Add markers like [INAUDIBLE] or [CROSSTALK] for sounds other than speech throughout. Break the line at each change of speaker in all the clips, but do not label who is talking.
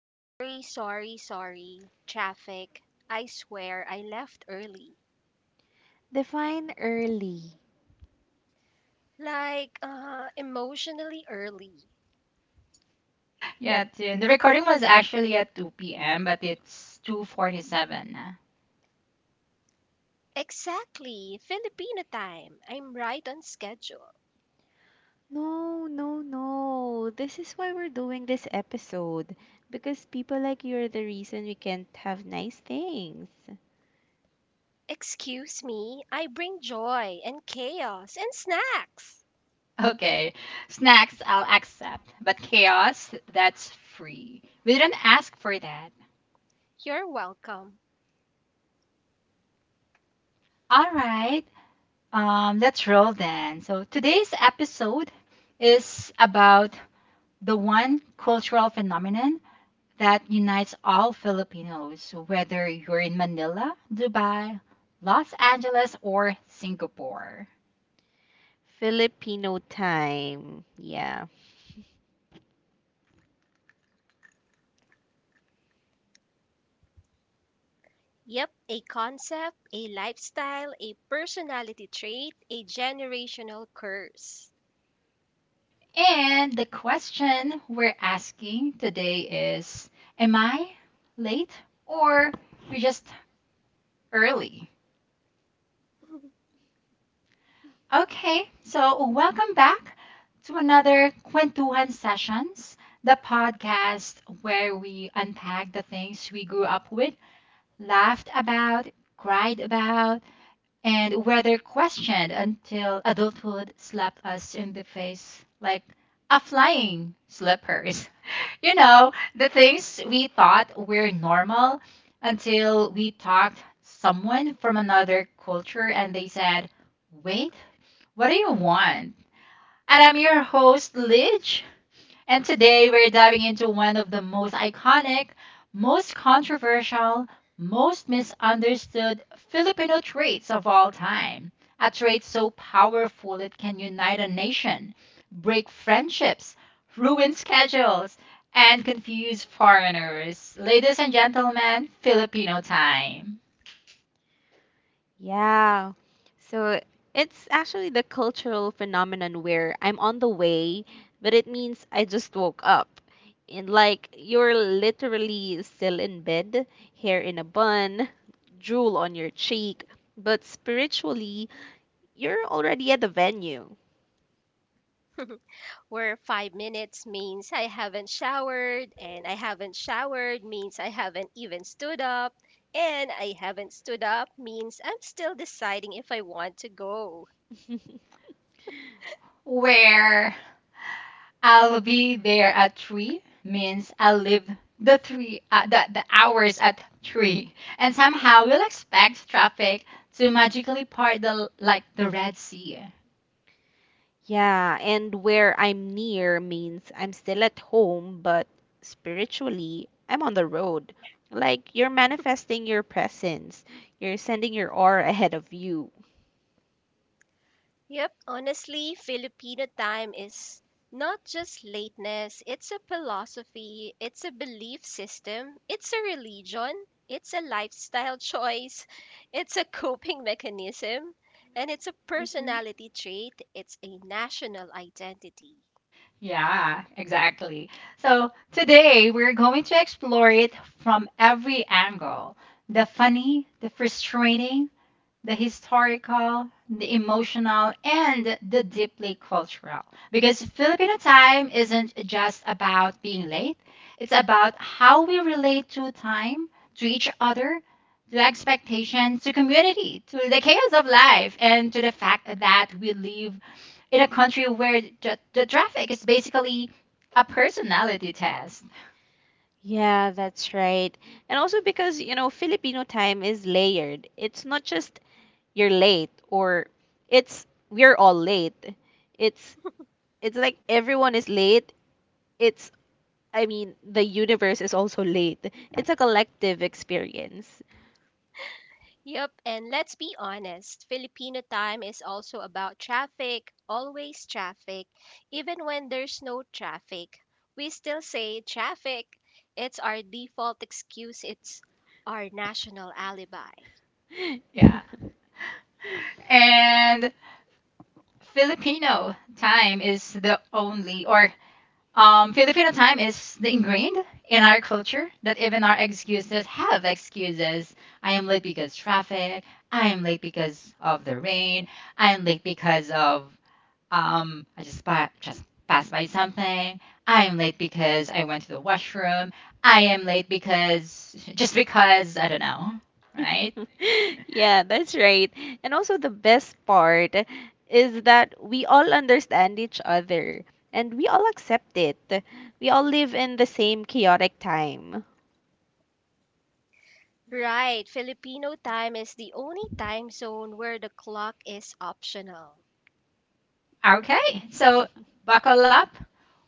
Sorry, sorry, sorry. Traffic. I swear I left early.
Define early.
Like, emotionally early.
Yeah, Tin. The recording was actually at 2 p.m., but it's 2:47.
Exactly. Filipino time. I'm right on schedule.
No, no, no. This is why we're doing this episode. Because people like you are the reason we can't have nice things.
Excuse me. I bring joy and chaos and snacks.
[LAUGHS] Okay. Snacks, I'll accept. But chaos, that's free. We didn't ask for that.
You're welcome.
All right. Let's roll then. So today's episode is about the one cultural phenomenon that unites all Filipinos, whether you're in Manila, Dubai, Los Angeles, or Singapore.
Filipino time. Yeah.
Yep, a concept, a lifestyle, a personality trait, a generational curse.
And the question we're asking today is, am I late or you're just early?
[LAUGHS]
Okay, so welcome back to another Kwentuhan Sessions, the podcast where we unpack the things we grew up with, laughed about, cried about, and whether questioned until adulthood slapped us in the face like a flying slippers. You know, the things we thought were normal until we talked someone from another culture and they said, "Wait, what do you want?" And I'm your host, Lidge. And today we're diving into one of the most iconic, most controversial, most misunderstood Filipino traits of all time. A trait so powerful it can unite a nation, break friendships, ruin schedules, and confuse foreigners. Ladies and gentlemen, Filipino time.
Yeah. So it's actually the cultural phenomenon where I'm on the way, but it means I just woke up. And like you're literally still in bed, hair in a bun, drool on your cheek, but spiritually you're already at the venue. [LAUGHS]
Where 5 minutes means I haven't showered, and I haven't showered means I haven't even stood up, and I haven't stood up means I'm still deciding if I want to go.
Where? I'll be there at three means I'll leave the hours at three, and somehow you'll expect traffic to magically part like the Red Sea.
Yeah, and where I'm near means I'm still at home, but spiritually, I'm on the road. Like you're manifesting your presence, you're sending your aura ahead of you.
Yep, honestly, Filipino time is not just lateness, it's a philosophy, it's a belief system, it's a religion, it's a lifestyle choice, [LAUGHS] it's a coping mechanism, and it's a
Hmm.
personality trait, it's a national identity.
Yeah, exactly. So today we're going to explore it from every angle: the funny, the frustrating, the historical, the emotional, and the deeply cultural. Because Filipino time isn't just about being late, it's about how we relate to time, to each other, to expectations, to community, to the chaos of life, and to the fact that we live in a country where the traffic is basically a personality test.
Yeah, that's right. And also because Filipino time is layered. It's not just you're late or it's we're all late. It's it's like everyone is late. It's, I mean, the universe is also late. It's a collective experience. [LAUGHS]
Yep, and let's be honest, Filipino time is also about traffic, always traffic. Even when there's no traffic, we still say traffic. It's our default excuse, it's our national alibi.
Yeah. And Filipino time is the ingrained in our culture that even our excuses have excuses. I am late because traffic. I am late because of the rain. I am late because of I just passed by something. I am late because I went to the washroom. I am late because just because I don't know, right?
Yeah, that's right. And also, the best part is that we all understand each other and we all accept it. We all live in the same chaotic time.
Right, Filipino time is the only time zone where the clock is optional.
Okay, so buckle up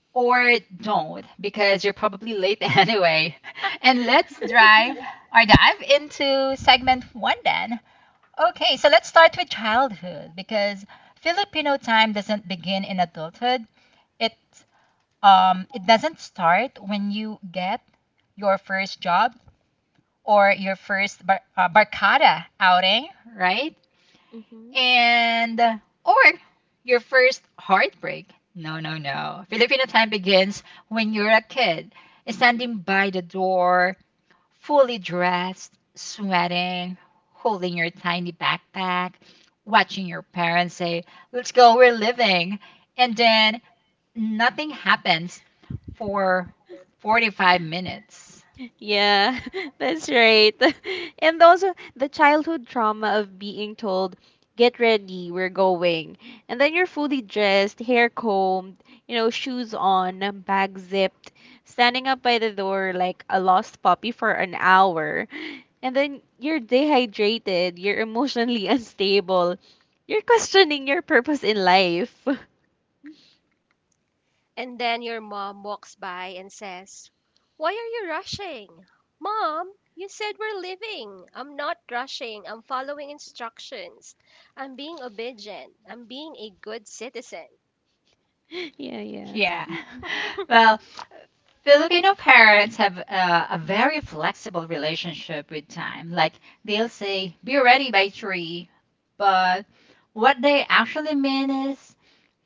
or don't because you're probably late [LAUGHS] anyway. And let's drive
[LAUGHS]
or dive into segment one then. Okay, so let's start with childhood because Filipino time doesn't begin in adulthood. It it doesn't start when you get your first job or your first barkada outing, right?
Mhm.
and or your first heartbreak. No, no, no. Filipino time begins when you're a kid, standing by the door, fully dressed, sweating, holding your tiny backpack, watching your parents say, "Let's go, we're living." And then nothing happens for 45 minutes.
Yeah, [LAUGHS] that's right. [LAUGHS] And also the childhood trauma of being told, get ready, we're going. And then you're fully dressed, hair combed, shoes on, bag zipped, standing up by the door like a lost puppy for an hour. And then you're dehydrated, you're emotionally [LAUGHS] unstable, you're questioning your purpose in life. [LAUGHS]
And then your mom walks by and says, "Why are you rushing? Mom, you said we're leaving. I'm not rushing. I'm following instructions. I'm being obedient. I'm being a good citizen."
Yeah, yeah.
Yeah. [LAUGHS] Well, Filipino parents have a very flexible relationship with time. Like they'll say, be ready by three. But what they actually mean is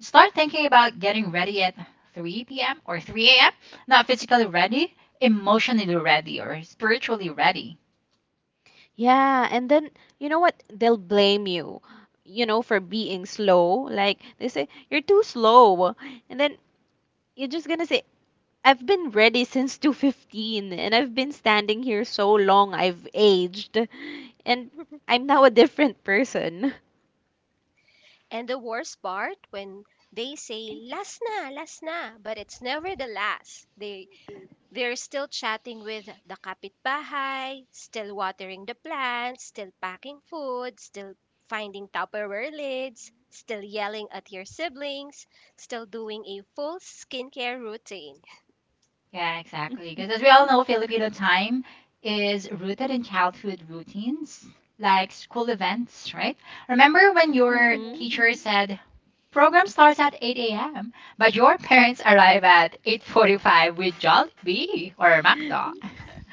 start thinking about getting ready at 3 p.m. or 3 a.m. Not physically ready, emotionally ready or spiritually ready.
Yeah, and then you know what? They'll blame you, for being slow. Like they say, you're too slow. And then you're just gonna say, I've been ready since 2:15 and I've been standing here so long, I've aged and
[LAUGHS]
I'm now a different person.
And the worst part, when they say, "last na, last na," but it's never the last. They're still chatting with the kapitbahay, still watering the plants, still packing food, still finding Tupperware lids, still yelling at your siblings, still doing a full skincare routine.
Yeah, exactly. Because as we all know,
[LAUGHS]
Filipino time is rooted in childhood routines like school events, right? Remember when your
Hmm.
teacher said, program starts at 8 a.m., but your [LAUGHS] parents arrive at 8:45 with Jollibee or McDo. [LAUGHS]
[LAUGHS]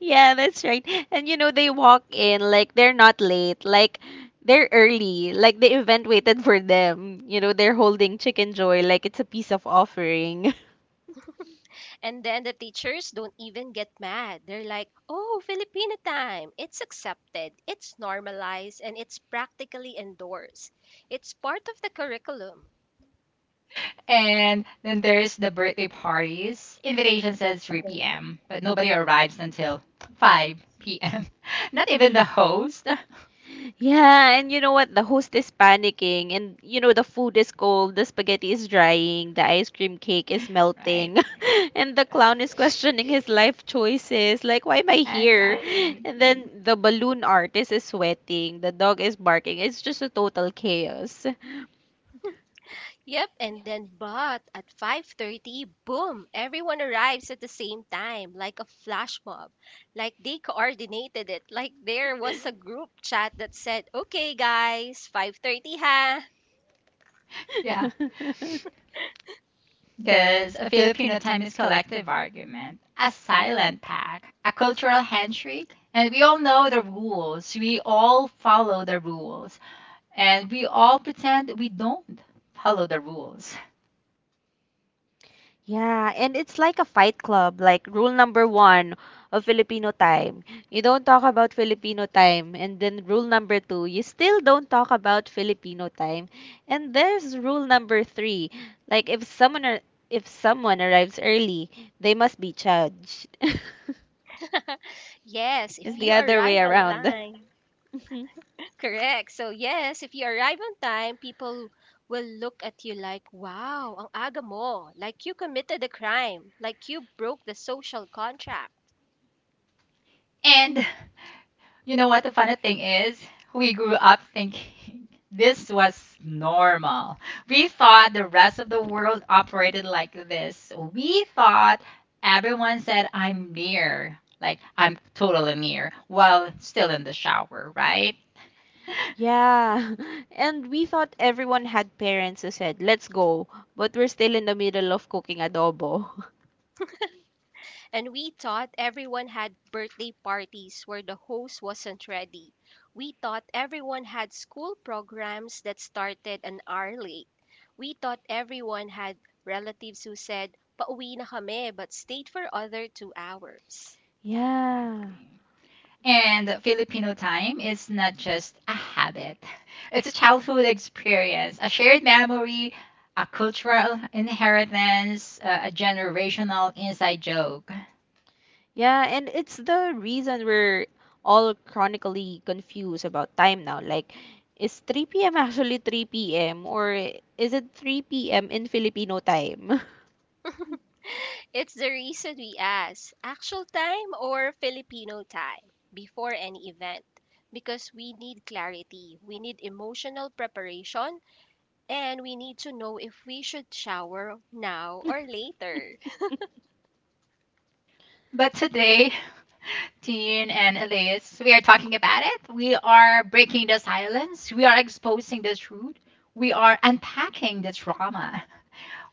Yeah, that's right. And you know, they walk in like they're not late, like they're early, like the event waited for them. You know, they're holding Chicken Joy like it's a piece of offering. [LAUGHS]
And then the teachers don't even get mad. They're like, "Oh, Filipino time." It's accepted, it's normalized, and it's practically endorsed. It's part of the curriculum.
And then there's the birthday parties. Invitation says 3 p.m., but nobody arrives until 5 p.m. [LAUGHS] Not even the host. [LAUGHS]
Yeah, and you know what? The host is panicking, and the food is cold, the spaghetti is drying, the ice cream cake is
Right.
melting, [LAUGHS] and the clown is questioning his life choices. Like, why am I here?
Exactly.
And then the balloon artist is sweating, the dog is barking. It's just a total chaos.
Yep, and then but at 5:30, boom, everyone arrives at the same time, like a flash mob. Like they coordinated it. Like there was a group chat that said, "Okay, guys, 5:30 ha."
Yeah.
[LAUGHS]
Because a Filipino time is collective argument, a silent pack, a cultural handshake, and we all know the rules. We all follow the rules, and we all pretend we don't follow the rules.
Yeah, and it's like a fight club, like rule number one of Filipino time. You don't talk about Filipino time. And then rule number two, you still don't talk about Filipino time. And there's rule number three, like if someone arrives early, they must be judged. [LAUGHS]
[LAUGHS] Yes,
It's
if
the
you
other
arrive
way
on
around. [LAUGHS]
time. Correct. So yes, if you arrive on time, people will look at you like, "Wow, ang aga mo." Like you committed a crime, like you broke the social contract.
And you know what the funny thing is? We grew up thinking [LAUGHS] this was normal. We thought the rest of the world operated like this. We thought everyone said, I'm near, like I'm totally near, while still in the shower, right?
Yeah, [LAUGHS] and we thought everyone had parents who said, let's go, but we're still in the middle of cooking adobo.
And we thought everyone had birthday parties where the host wasn't ready. We thought everyone had school programs that started an hour late. We thought everyone had relatives who said, "pauwi na kami," but stayed for other 2 hours.
[LAUGHS] Yeah.
Exactly. And Filipino time is not just a habit, [LAUGHS] it's a childhood experience, a shared memory, a cultural inheritance, a generational inside joke.
Yeah, and it's the reason we're all chronically confused about time now. Like, is 3 p.m. [LAUGHS] actually 3 p.m. or is it 3 p.m. in Filipino time?
[LAUGHS] It's the reason we ask actual time or Filipino time before any event because we need clarity, we need emotional preparation, and we need to know if we should shower now or
[LAUGHS]
later.
But today, Tin and Elise, we are talking about it. We are breaking the silence. We are exposing the truth. We are unpacking the trauma.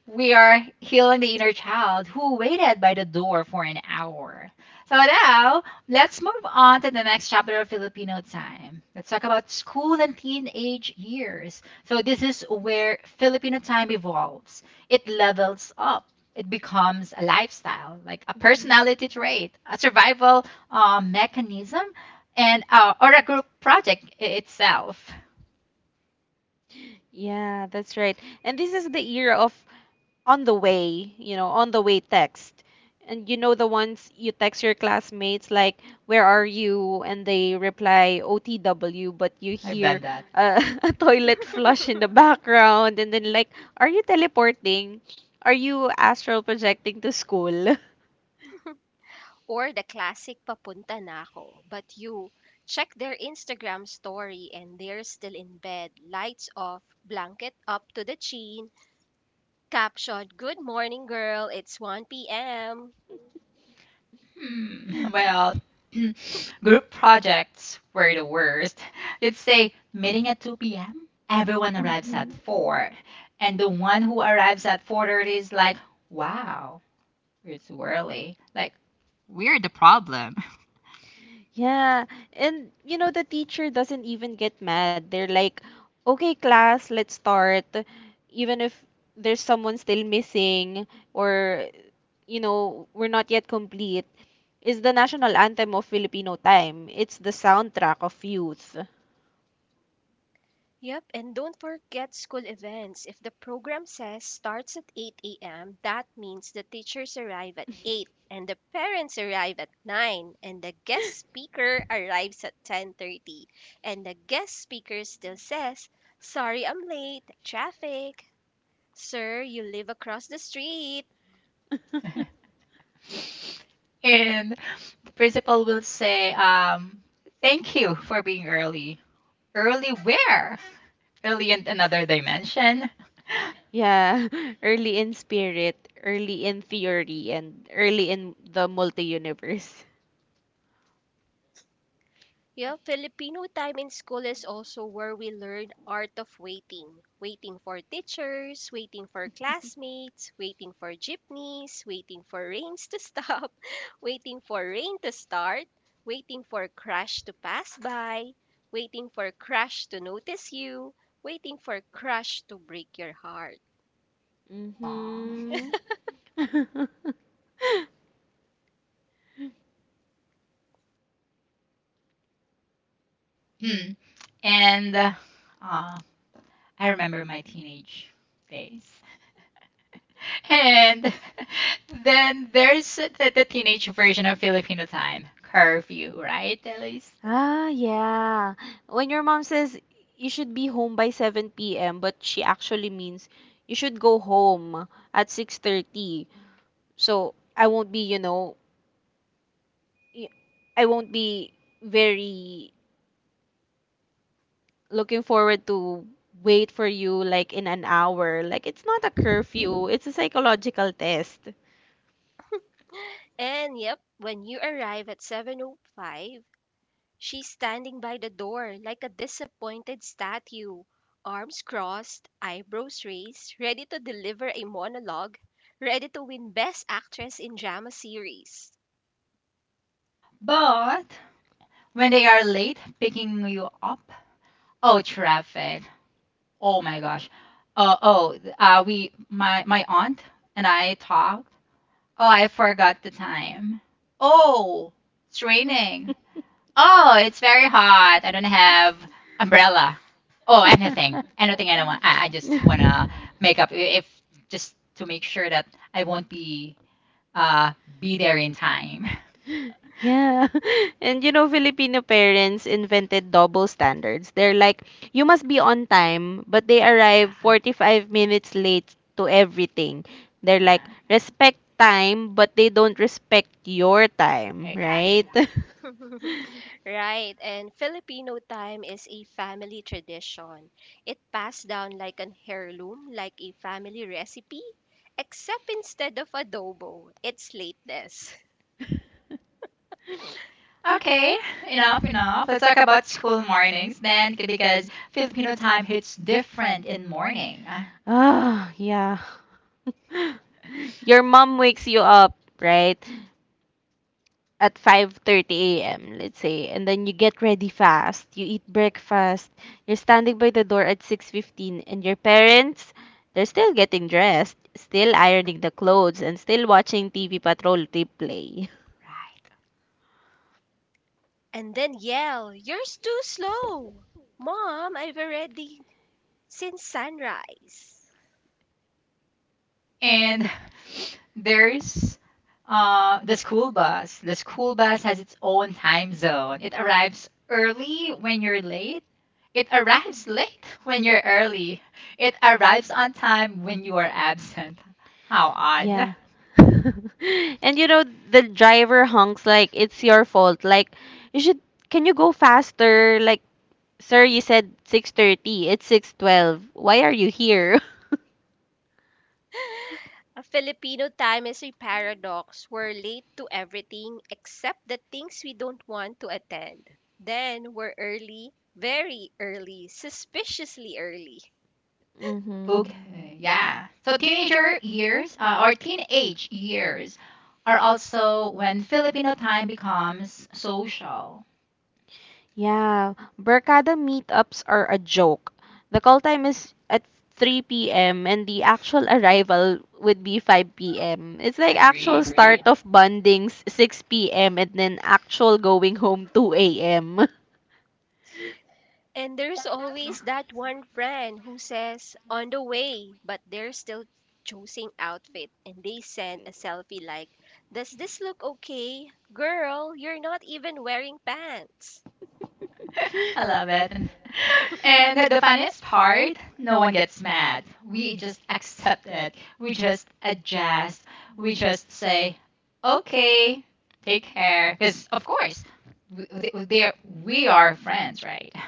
We are healing the inner child who waited by the door for an hour. So now, let's move on to the next chapter of Filipino time. Let's talk about school and teenage years. So this is where Filipino time evolves. It levels up. It becomes a lifestyle, like a
Mhm.
personality trait, a survival mechanism, and or a group project itself.
Yeah, that's right. And this is the era of on the way, on the way text. And you know the ones you text your classmates like, "Where are you?" and they reply OTW, but you
I've
hear
done that.
[LAUGHS] a toilet flush in the background, and then like, "Are you teleporting? Are you astral projecting to school?" [LAUGHS]
Or the classic papunta na ako. But you check their Instagram story and they're still in bed, lights off, blanket up to the chin, caption, "Good morning girl, it's 1 p.m."
Hmm, [LAUGHS] well, [CLEARS THROAT] group projects were the worst. You'd say meeting at 2 p.m. Everyone arrives at 4, and the one who arrives at 4:30 is like, "Wow, it's early." Like, we're the problem.
Yeah, and you know, the teacher doesn't even get mad. They're like, okay, class, let's start. Even if there's someone still missing or we're not yet complete, is the national anthem of Filipino time. It's the soundtrack of youth.
Yep, and don't forget school events. If the program says starts at 8 a.m., that means the teachers arrive at 8 and the parents arrive at 9 and the guest speaker arrives at 10:30 and the guest speaker still says, "Sorry I'm late. Traffic." Sir, you live across the street.
[LAUGHS] And the principal will say, "Thank you for being early." Early where? Early in another dimension.
Yeah, [LAUGHS] early in spirit, early in theory, and early in the multi-universe.
Yeah, Filipino time in school is also where we learn art of waiting. Waiting for teachers, waiting for classmates, waiting for jeepneys, waiting for rains to stop, [LAUGHS] waiting for rain to start, waiting for crush to pass by, waiting for crush to notice you, waiting for crush to break your heart.
[LAUGHS] Aww.
Mm-hmm. [LAUGHS]
Hmm. And uh, I remember my teenage days. And [LAUGHS] then there's the teenage version of Filipino time, curfew, right, Elise?
Ah, yeah. When your mom says you should be home by 7 p.m., but she actually means you should go home at 6:30. So I won't be, you know, y- I won't be very looking forward to wait for you like in an hour. Like it's not a curfew, it's a psychological test.
[GASPS] And yep, when you arrive at 7:05, she's standing by the door like a disappointed statue, arms crossed, eyebrows raised, ready to deliver a monologue, ready to win Best Actress in Drama Series.
But when they are late picking you up, oh, traffic. Oh my gosh. Oh, my aunt and I talked. Oh, I forgot the time. Oh, it's raining. Oh, it's very hot. I don't have umbrella. Oh, anything, anything I don't want. I just wanna
[LAUGHS]
make up if just to make sure that I won't uh be there in time. [LAUGHS]
Yeah. [LAUGHS] And you know, Filipino parents invented double standards. They're like, you must be on time, but they arrive
Yeah,
45 minutes late to everything. They're like,
yeah,
respect time, but they don't respect your time, right?
exactly.
[LAUGHS]
[LAUGHS] Right, and Filipino time is a family tradition. It passed down like an heirloom, like a family recipe, except instead of adobo, it's lateness.
Okay, enough, enough. Let's talk about school mornings then, because Filipino time hits different in morning. Ah,
Ah, yeah. [LAUGHS] Your mom wakes you up, right? At 5:30 a.m., let's say, and then you get ready fast, you eat breakfast, you're standing by the door at 6:15 and your parents, they're still getting dressed, still ironing the clothes and still watching TV Patrol replay.
right.
[LAUGHS] And then yell, "You're too slow! Mom, I've already since sunrise."
And [LAUGHS] there's the school bus. The school bus has its own time zone. It arrives early when you're late. It arrives late [LAUGHS] when you're early. It arrives on time when you are absent. How odd. Mm.
Yeah. [LAUGHS] And you know, the driver honks like it's your fault. Like you should, can you go faster? Like, sir, you said 6:30. It's 6:12. Why are you here? [LAUGHS]
A Filipino time is a paradox. We're late to everything except the things we don't want to attend. Then we're early, very early, suspiciously early.
Mhm.
Okay, yeah. So teenager years or teenage years are also when Filipino time becomes social.
Yeah, Barkada meetups are a joke. The call time is at 3 p.m. and the actual arrival would be 5 p.m. It's like
Agree.
actual start. Agree. Of bondings 6 p.m. and then actual going home 2 a.m.
And there's always that one friend who says, "on the way," but they're still choosing outfit and they send a selfie like, "does this look okay?" Girl, you're not even wearing pants.
I love
[LAUGHS]
it. And the funniest part, no one gets mad. We just accept it. We just adjust. We just say, okay, take care. Because, of course, we, they- they are, we are friends, right? [LAUGHS]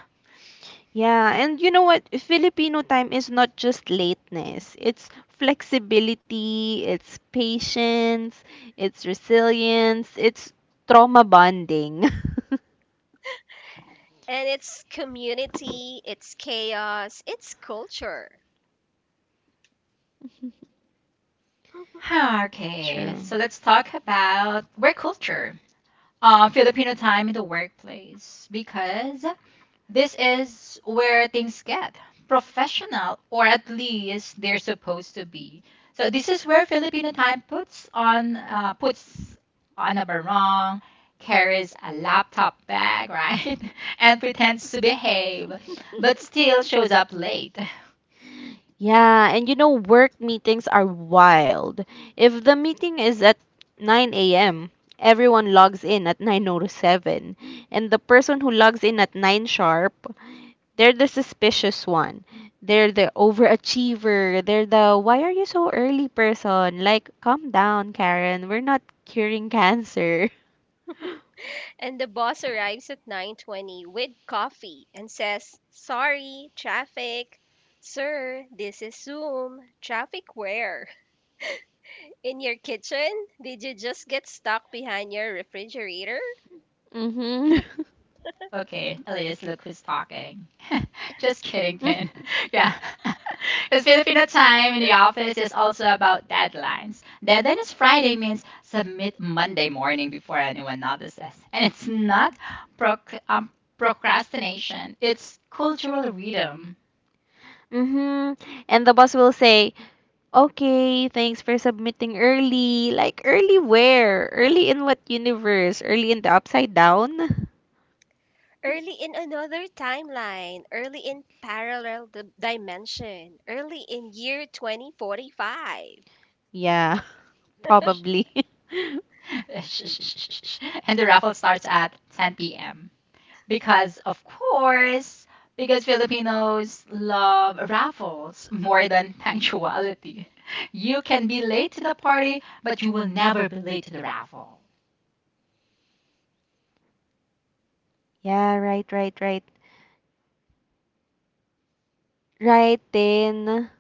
Yeah, and you know what? Filipino time is not just lateness. It's flexibility, it's patience, it's resilience, it's trauma bonding.
And it's community, it's chaos, it's culture.
[SIGHS] Okay,
[LAUGHS] True.
so let's talk about work culture. Filipino time in the workplace because this is where things get professional, or at least they're supposed to be. So this is where Filipino time puts on a barong, carries a laptop bag, right, [LAUGHS] and pretends to behave, but still shows up late. [LAUGHS]
Yeah, and you know, work meetings are wild. If the meeting is at 9 a.m., everyone logs in at 9:07, and the person who logs in at 9 sharp. They're the suspicious one. They're the overachiever. They're the why are you so early person? Like, calm down, Karen. We're not curing cancer. [LAUGHS]
And the boss arrives at 9:20 with coffee and says, "Sorry, traffic." Sir, this is Zoom. Traffic where? In your kitchen? Did you just get stuck behind your refrigerator?
Mm-hmm.
Okay, Elias, look who's talking. Just kidding, Tin.
[LAUGHS]
[LAUGHS] Yeah. [LAUGHS] Because Filipino time in the office is also about deadlines. Deadline is Friday means submit Monday morning before anyone notices. And it's not proc- um, procrastination, it's cultural rhythm.
Mm-hmm. And the boss will say, okay, thanks for submitting early. Like, early where? Early in what universe? Early in the upside down?
Early in another timeline, early in parallel dimension, early in year 2045.
Yeah,
Ash-
[LAUGHS] probably. [LAUGHS]
[LAUGHS] and the raffle starts at 10 p.m. Because, of course, because Filipinos love raffles more than [LAUGHS] punctuality. You can be late to the party, but you will never be late to the raffle.
Yeah, right, right, right. Right then.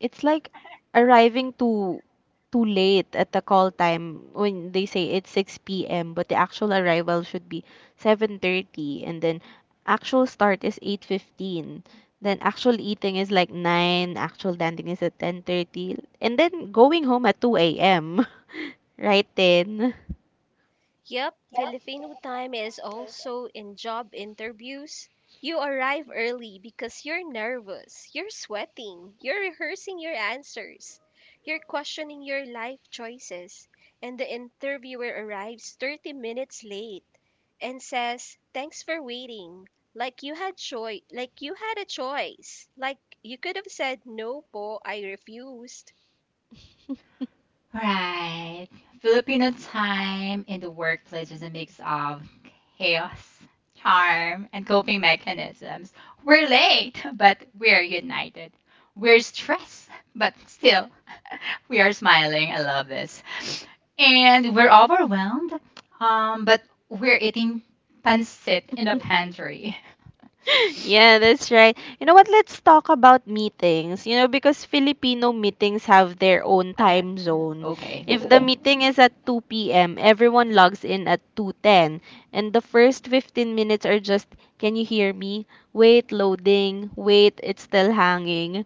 It's like arriving too late at the call time when they say it's 6 p.m. but the actual arrival should be 7:30 and then actual start is 8:15. Then actual eating is like 9, actual dancing is at 10:30 and then going home at 2 a.m. [LAUGHS] Right then.
Yep, Filipino time is also in job interviews. You arrive early because you're nervous, you're sweating, you're rehearsing your answers, you're questioning your life choices, and the interviewer arrives 30 minutes late and says, "Thanks for waiting." Like you had choice. Like you could have said, "No po, I refuse."
All right. Filipino time in the workplace is a mix of chaos, charm, and coping mechanisms. We're late, [LAUGHS] but we're united. We're stressed, [LAUGHS] but still, [LAUGHS] we are smiling. I love this. And we're overwhelmed, but we're eating pancit in the
[LAUGHS]
pantry. [LAUGHS]
[LAUGHS] Yeah, that's right. You know what? Let's talk about meetings. You know, because Filipino meetings have their own
Love that.
time zone.
Okay.
If the meeting is at 2 p.m., everyone logs in at 2:10, and the first 15 minutes are just, "Can you hear me? Wait, loading. Wait, it's still hanging.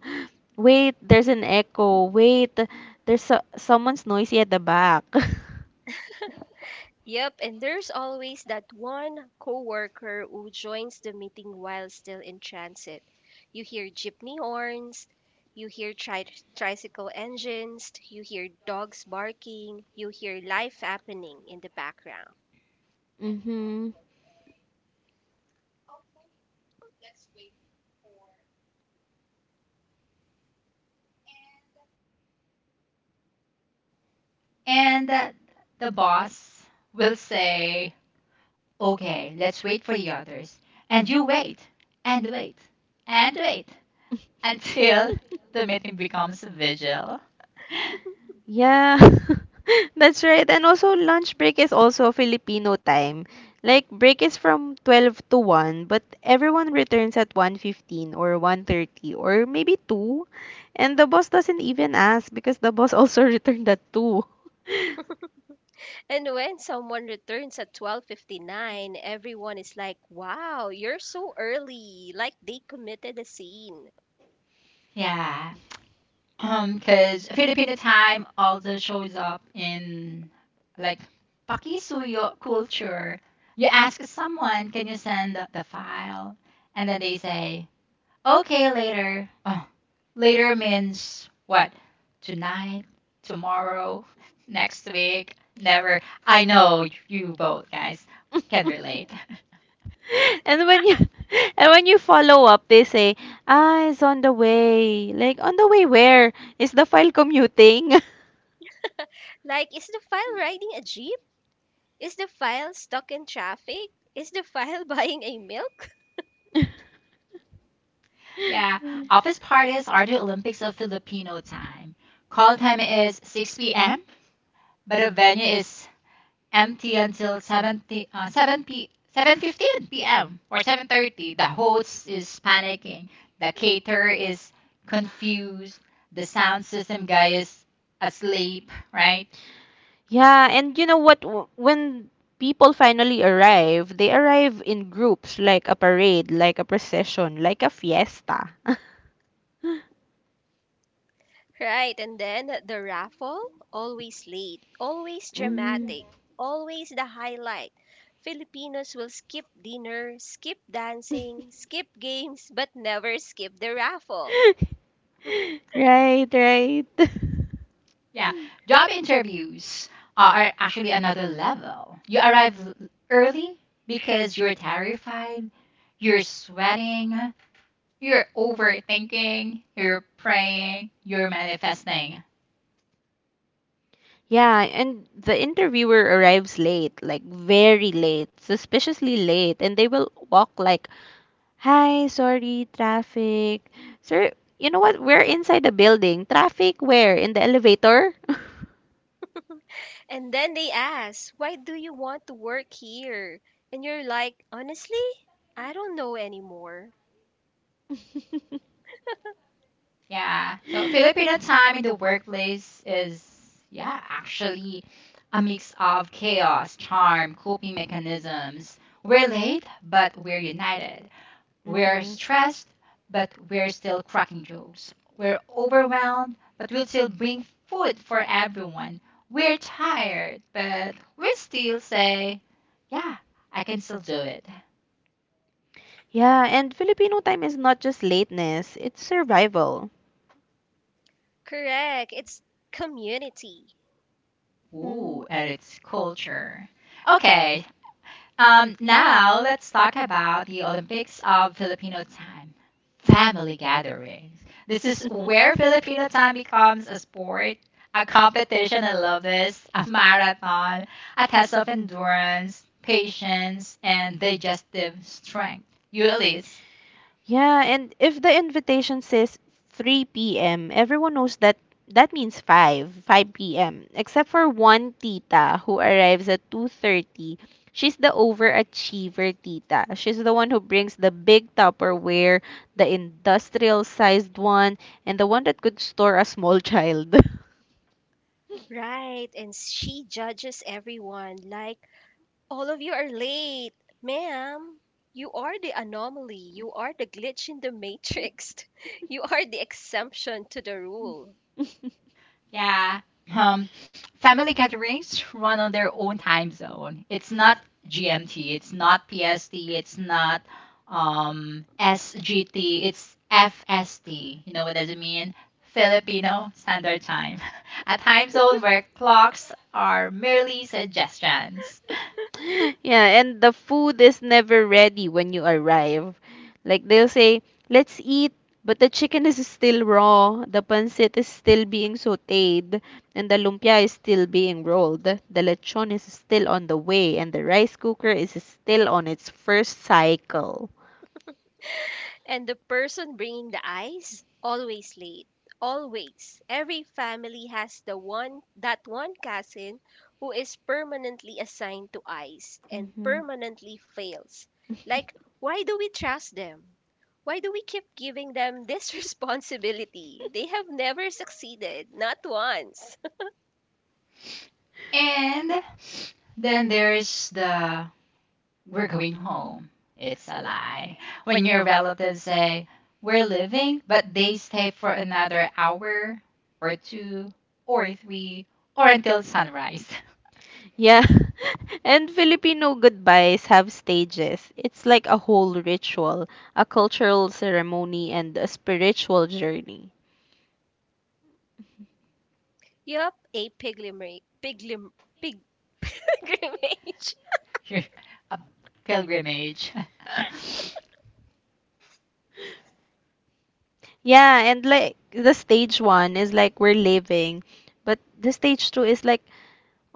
Wait, there's an echo. Wait, there's someone's noisy at the back." [LAUGHS]
Yep, and there's always that one coworker who joins the meeting while still in transit. You hear jeepney horns, you hear tricycle engines, you hear dogs barking, you hear life happening in the background.
Mhm.
And the boss will say, okay, let's wait for the others. And you wait, and wait, and wait until [LAUGHS] the meeting becomes a vigil.
Yeah, [LAUGHS] that's right. And also, lunch break is also Filipino time. Like, break is from 12 to 1, but everyone returns at 1:15 or 1:30 or maybe 2. And the boss doesn't even ask because the boss also [LAUGHS] returned at 2. [LAUGHS]
And when someone returns at 12:59, everyone is like, "Wow, you're so early." Like they committed a scene.
Yeah. Because Filipino time also shows up in like pakisuyo culture. You ask someone, can you send the file? And then they say, okay, later. Oh, later means what? Tonight, tomorrow, [LAUGHS] next week, never. I know you both guys can relate. [LAUGHS]
And when you [LAUGHS] and when you follow up, they say, "Ah, it's on the way." Like, on the way where? Is the file commuting?
Like is the file riding a jeep? Is the file stuck in traffic? Is the file [LAUGHS] buying a milk?
Yeah,
[LAUGHS]
office parties are the Olympics of Filipino time. Call time is 6 p.m., but the venue is empty until uh, 7 fifteen p 7:15 p.m. or 7:30. The host is panicking. The caterer is confused. The sound system guy is asleep, right?
Yeah, and you know what? When people finally arrive, they arrive in groups, like a parade, like a procession, like a fiesta. [LAUGHS]
Right, and then the raffle, always late, always
Mm.
dramatic, always the highlight. Filipinos will skip dinner, skip dancing,
[LAUGHS]
skip games, but never skip the raffle.
Right, right. [LAUGHS]
Yeah. Job interviews are actually another level. You arrive early because you're terrified, you're sweating, you're overthinking, you're praying, you're manifesting.
Yeah, and the interviewer arrives late, like very late, suspiciously late, and they will walk like, "Hi, sorry, traffic." Sir, you know what? We're inside the building. Traffic where? In the elevator? [LAUGHS]
And then they ask, "Why do you want to work here?" And you're like, "Honestly, I don't know anymore."
[LAUGHS]
Yeah. So Filipino time in the workplace is, yeah, actually a mix of chaos, charm, coping mechanisms. We're late, but we're united. We're
Hmm.
stressed, but we're still cracking jokes. We're overwhelmed, but we'll still bring food for everyone. We're tired, but we still say, yeah, I can still do it.
Yeah, and Filipino time is not just lateness, it's survival.
Correct, it's community.
Mm.
Ooh, and it's culture. Okay, now let's talk about the Olympics of Filipino time. Family gatherings. This is
[LAUGHS]
where Filipino time becomes a sport, a competition. I love this. A marathon, a test of endurance, patience, and digestive strength. You, Elise.
Yeah, and if the invitation says 3 p.m., everyone knows that that means 5, 5 p.m., except for one tita who arrives at 2:30. She's the overachiever tita. She's the one who brings the big Tupperware, the industrial-sized one, and the one that could store a small child.
Right, and she judges everyone like, "All of you are late." Ma'am, you are the anomaly. You are
[LAUGHS]
the glitch in the matrix. [LAUGHS] You are the exemption to the rule.
[LAUGHS]
Yeah. Um, Family gatherings run on their own time zone. It's not GMT, it's not PST, it's not SGT, it's FST. You know what does it mean? Filipino Standard Time, [LAUGHS] a time zone where clocks are merely suggestions.
Yeah, and the food is never ready when you arrive. Like they'll say, "Let's eat," but the chicken is still raw, the pancit is still being sautéed, and the lumpia is still being rolled. The lechon is still on the way, and the rice cooker is still on its first cycle.
And the person bringing the ice, always late. Always. Every family has the one that one cousin who is permanently assigned to ice and
Mhm.
permanently fails. Like,
[LAUGHS]
why do we trust them? Why do we keep giving them this [LAUGHS] responsibility? They have never succeeded, not once.
And then there's the we're going home. It's a lie. When your relatives say, we're leaving, but they stay for another hour or two or three or until sunrise.
Yeah. [LAUGHS] And Filipino goodbyes have stages. It's like a whole ritual, a cultural ceremony, and a spiritual journey.
Yup, a pilgrimage. Piglim, pig, [LAUGHS] pilgrimage.
[LAUGHS] You're a pilgrimage. [LAUGHS]
Yeah, and like the stage one is like we're living, but the stage two is like,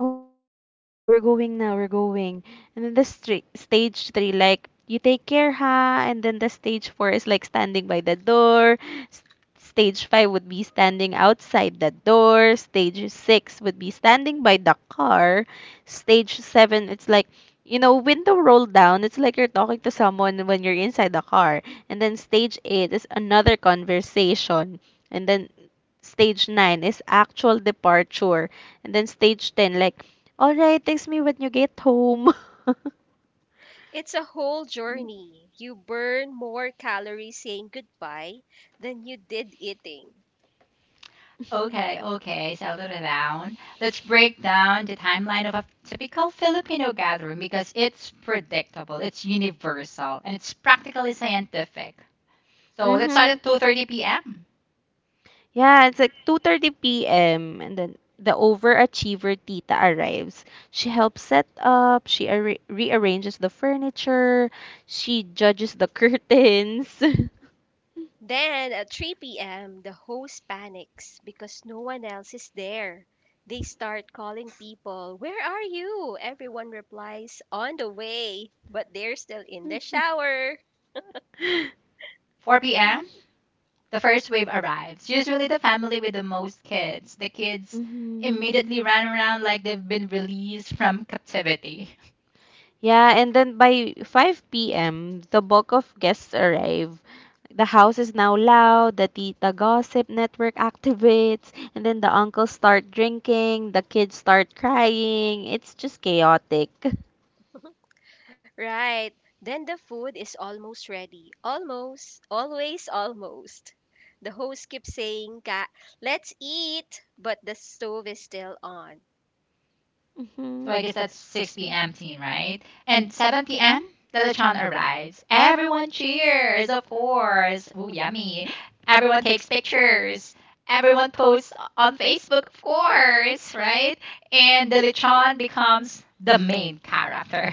okay, all right, we're going now, we're going. And then the stra stage three, like, you take care, ha? And then the stage four is like standing by the door. S stage five would be standing outside the door. Stage six would be standing by the car. Stage seven, it's like, window rolled down. It's like you're talking to someone when you're inside the car. And then stage eight is another conversation. And then Stage 9 is actual departure. And then stage 10, like, all right, text me when you get home. [LAUGHS]
It's a whole journey. You burn more calories saying goodbye than you did eating.
Okay, okay, settle down. Let's break down the timeline of a typical Filipino gathering because it's predictable, it's universal, and it's practically scientific. So let's start
Mm-hmm.
at 2:30 p.m.,
Yeah, it's like 2:30 p.m. and then the overachiever tita arrives. She helps set up, she arra rearranges the furniture, she judges the [LAUGHS] curtains. [LAUGHS]
Then at 3 p.m., the host panics because no one else is there. They start calling people, "Where are you?" Everyone replies, "On the way," but they're still in the shower.
4 p.m., the first wave arrives. Usually, the family with the most kids, the kids
Mhm.
immediately run around like they've been released from captivity. [LAUGHS]
Yeah, and then by 5 p.m., the bulk of guests arrive. The house is now loud, the tita gossip network activates, and then the uncles start drinking, the kids start crying. It's just chaotic.
Right. Then the food is almost ready. Almost. Always almost. The host keeps saying, "Ka- let's eat," but the stove is still on.
Hmm.
So I guess that's 6 p.m. teen, right? And 7 p.m., the lechon arrives. Everyone cheers, of course. Ooh, yummy. Everyone takes pictures. Everyone posts on Facebook, of course, right? And the lechon becomes the main character.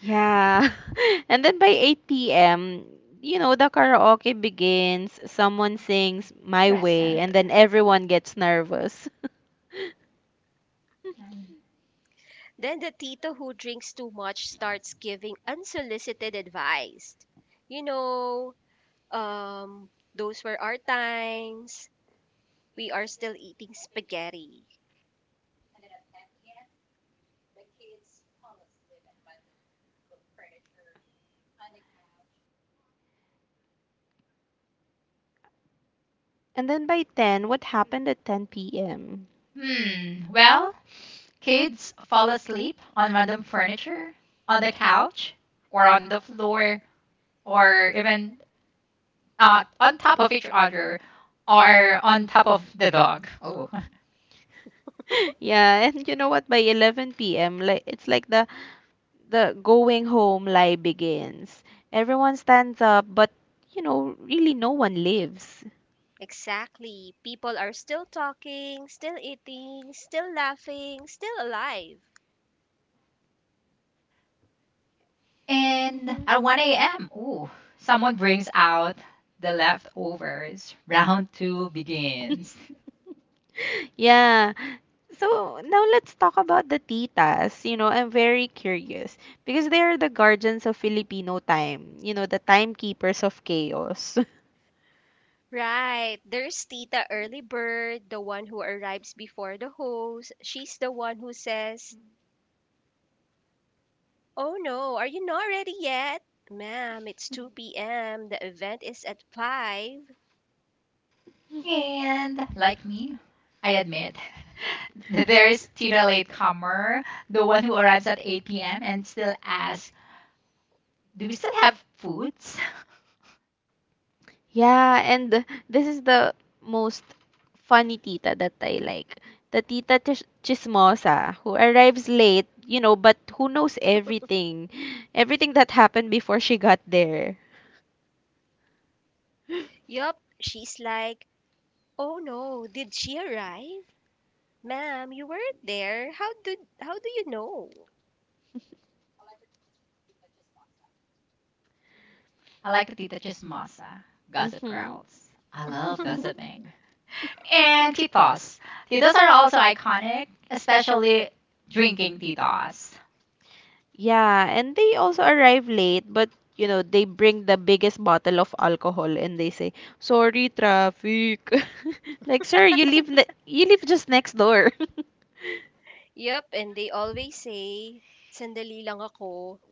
Yeah. [LAUGHS] And then by 8 p.m., the karaoke begins, someone sings
[LAUGHS]
My Way,
Present.
and then everyone gets nervous. [LAUGHS]
Then the tito who drinks too much starts giving unsolicited advice. You know, um, those were our times. We are still eating spaghetti.
And then by 10, what happened at 10 p.m.?
Hmm. Well, kids fall asleep on random furniture, on the couch, or on the floor, or even on top of each other, or on top of the dog. Oh. [LAUGHS]
[LAUGHS] Yeah, and you know what? By 11 p.m., like it's like the going home lie begins. Everyone stands up, but really no one lives.
Exactly. People are still talking, still eating, still laughing, still alive.
And
Mhm.
at 1 a.m., ooh, someone brings out the leftovers. Round two begins.
[LAUGHS] Yeah. So now let's talk about the titas. You know, I'm very
[LAUGHS]
curious because they are the guardians of Filipino time, you know, the timekeepers of chaos. [LAUGHS]
Right. There's Tita Early Bird, the one who arrives before the host. She's the one who says, "Oh no, are you not ready yet? Ma'am, it's 2 p.m. The event is at five."
And like me, I admit [LAUGHS] that there is still a latecomer, the one who arrives at 8 p.m. and still asks, do we still have foods?
Yeah, and this is the most funny tita that I like. The chismosa who arrives late, you know, but who knows everything. Everything that happened before she got there.
Yup, she's like, "Oh no, did she arrive?" Ma'am, you weren't there. How do you know?
[LAUGHS] I like the Tita Chismosa, Gossip
Hmm.
Girls. I love
[LAUGHS]
[LAUGHS]
gossiping. And titos. Titos are also iconic, especially drinking titos.
Yeah, and they also arrive late, but you know, they bring the biggest bottle of alcohol and they say, "Sorry, traffic." [LAUGHS] Like, sir, you live just next door. [LAUGHS]
Yup, and they always say, "sandali lang ako,"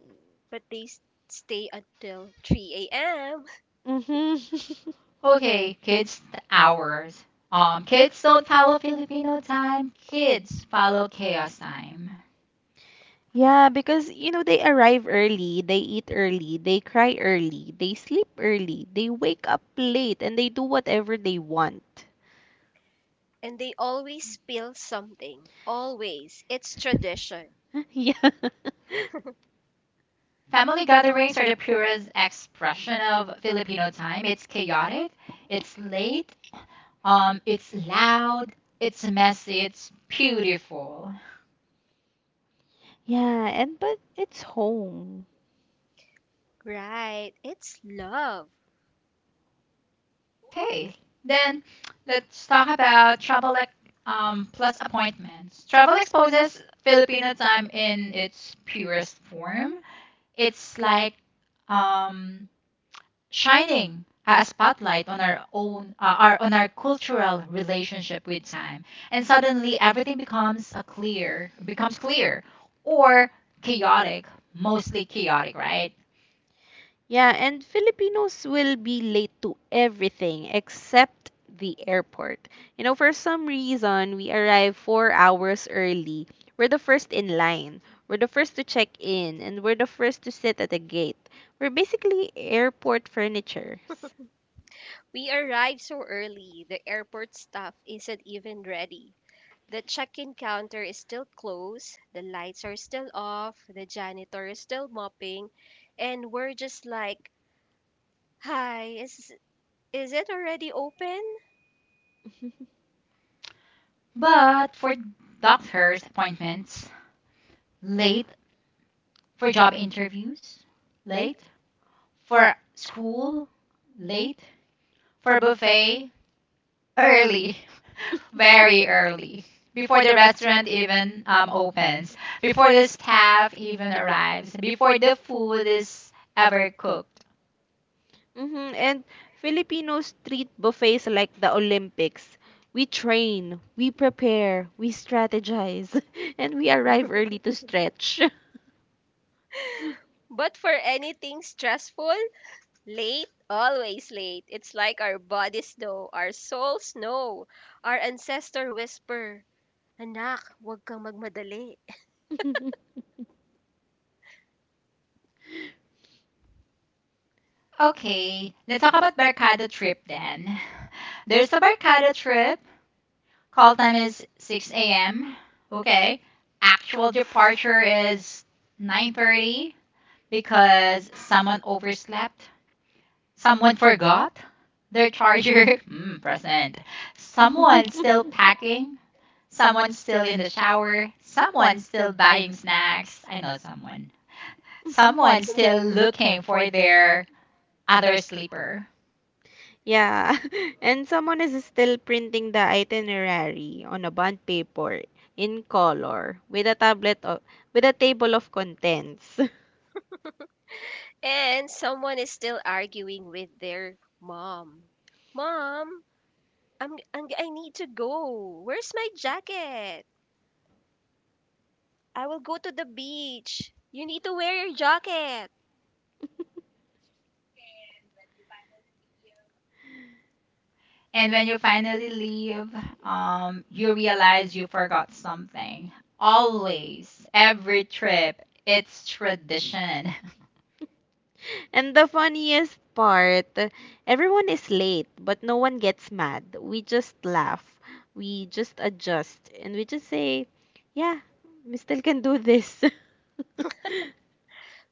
but they stay until 3 a.m.
Mm-hmm. [LAUGHS]
Okay, kids hours. Kids don't follow Filipino time. Kids follow chaos time.
Yeah, because you know they arrive early, they eat early, they cry early, they sleep early, they wake up late, and they do whatever they want.
And they always spill something. Always. It's tradition.
[LAUGHS] Yeah. [LAUGHS]
Family gatherings are the purest expression of Filipino time. It's chaotic, it's late, it's loud, it's messy, it's beautiful.
Yeah, and but it's home.
Right. It's love.
Okay, then let's talk about plus appointments. Travel exposes Filipino time in its purest form. It's like um, shining a spotlight on our own our on our cultural relationship with time and suddenly everything becomes a clear becomes clear or chaotic, mostly chaotic, right?
Yeah, and Filipinos will be late to everything except the airport. You know, for some reason, we arrive 4 hours early. We're the first in line. We're the first to check in, and we're the first to sit at the gate. We're basically airport furniture.
We arrived so early. The airport staff isn't even ready. The check in counter is still closed. The lights are still off. The janitor is still mopping. And we're just like, "Hi, is it already open?"
Hmm.
But for doctors appointments, late. For job interviews, late. For school, late. For buffet, early, [LAUGHS] very early, before the restaurant even opens, before the staff even arrives, before the food is ever cooked.
[LAUGHS] And Filipinos treat buffets like the Olympics. We train, we prepare, we strategize, [LAUGHS] and we arrive early to stretch. [LAUGHS]
But for anything stressful, late, always late. It's like our bodies know, our souls know, our ancestor whisper, "Anak, huwag kang magmadali."
[LAUGHS]
Okay, let's talk about Barkada trip then. [LAUGHS] There's a Barkada trip. Call time is 6 a.m. Okay. Actual departure is 9:30 because someone overslept. Someone forgot their charger. [LAUGHS] Mm, present. Someone still packing. Someone still in the shower. Someone still buying snacks. I know someone. Someone still looking for their other sleeper.
Yeah, [LAUGHS] and someone is still printing the itinerary on a bond paper in color with a with a table of contents. [LAUGHS]
And someone is still arguing with their mom. "Mom, I need to go. Where's my jacket?" "I will go to the beach. You need to wear your jacket."
And when you finally leave, you realize you forgot something. Always, every trip, it's tradition.
And the funniest part, everyone is late, but no one gets mad. We just laugh, we just adjust, and we just say, "Yeah, we still can do this." [LAUGHS]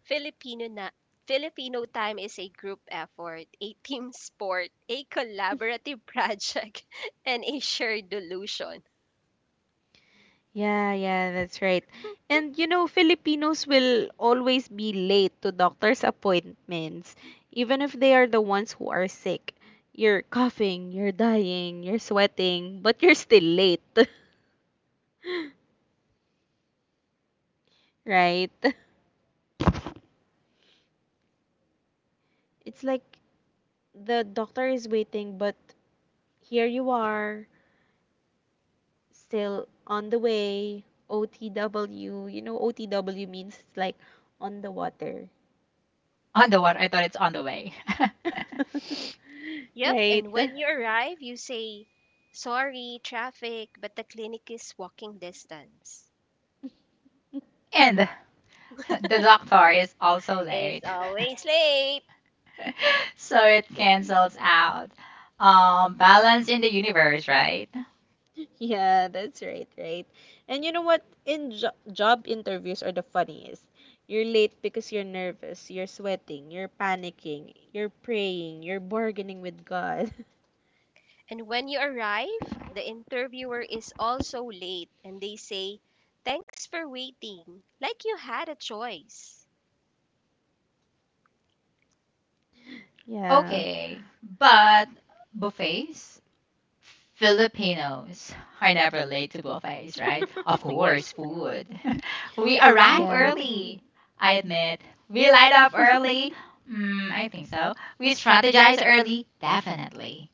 Filipino na Filipino time is a group effort, a team sport, a collaborative project, [LAUGHS] and a shared delusion.
Yeah, yeah, that's right. And you know, Filipinos will always be late to doctor's appointments, even if they are the ones who are sick. You're coughing, you're dying, you're sweating, but you're still late, [LAUGHS] right? It's like the doctor is waiting, but here you are, still on the way. OTW, you know, OTW means it's like on the water,
[LAUGHS] On the water. I thought it's on the way. [LAUGHS]
[LAUGHS]
Yep,
right?
and when you arrive, you say, "sorry, traffic," but the clinic is walking distance.
And [LAUGHS] the doctor is also
It's
late. [LAUGHS]
always late.
So it cancels out. Balance in the universe, right?
[LAUGHS] Yeah, that's right, right. And you know what? In jo Job interviews are the funniest. You're late because you're nervous, you're sweating, you're panicking, you're praying, you're bargaining with God. [LAUGHS]
And when you arrive, the interviewer is also late, and they say, "thanks for waiting," like you had a choice.
Yeah,
Okay, but buffets, Filipinos are never late to buffets, right?
[LAUGHS]
Of
Yeah,
course, food. [LAUGHS] We arrive
yeah,
early, I admit. We light up early. Mm, I think so. We strategize early, definitely.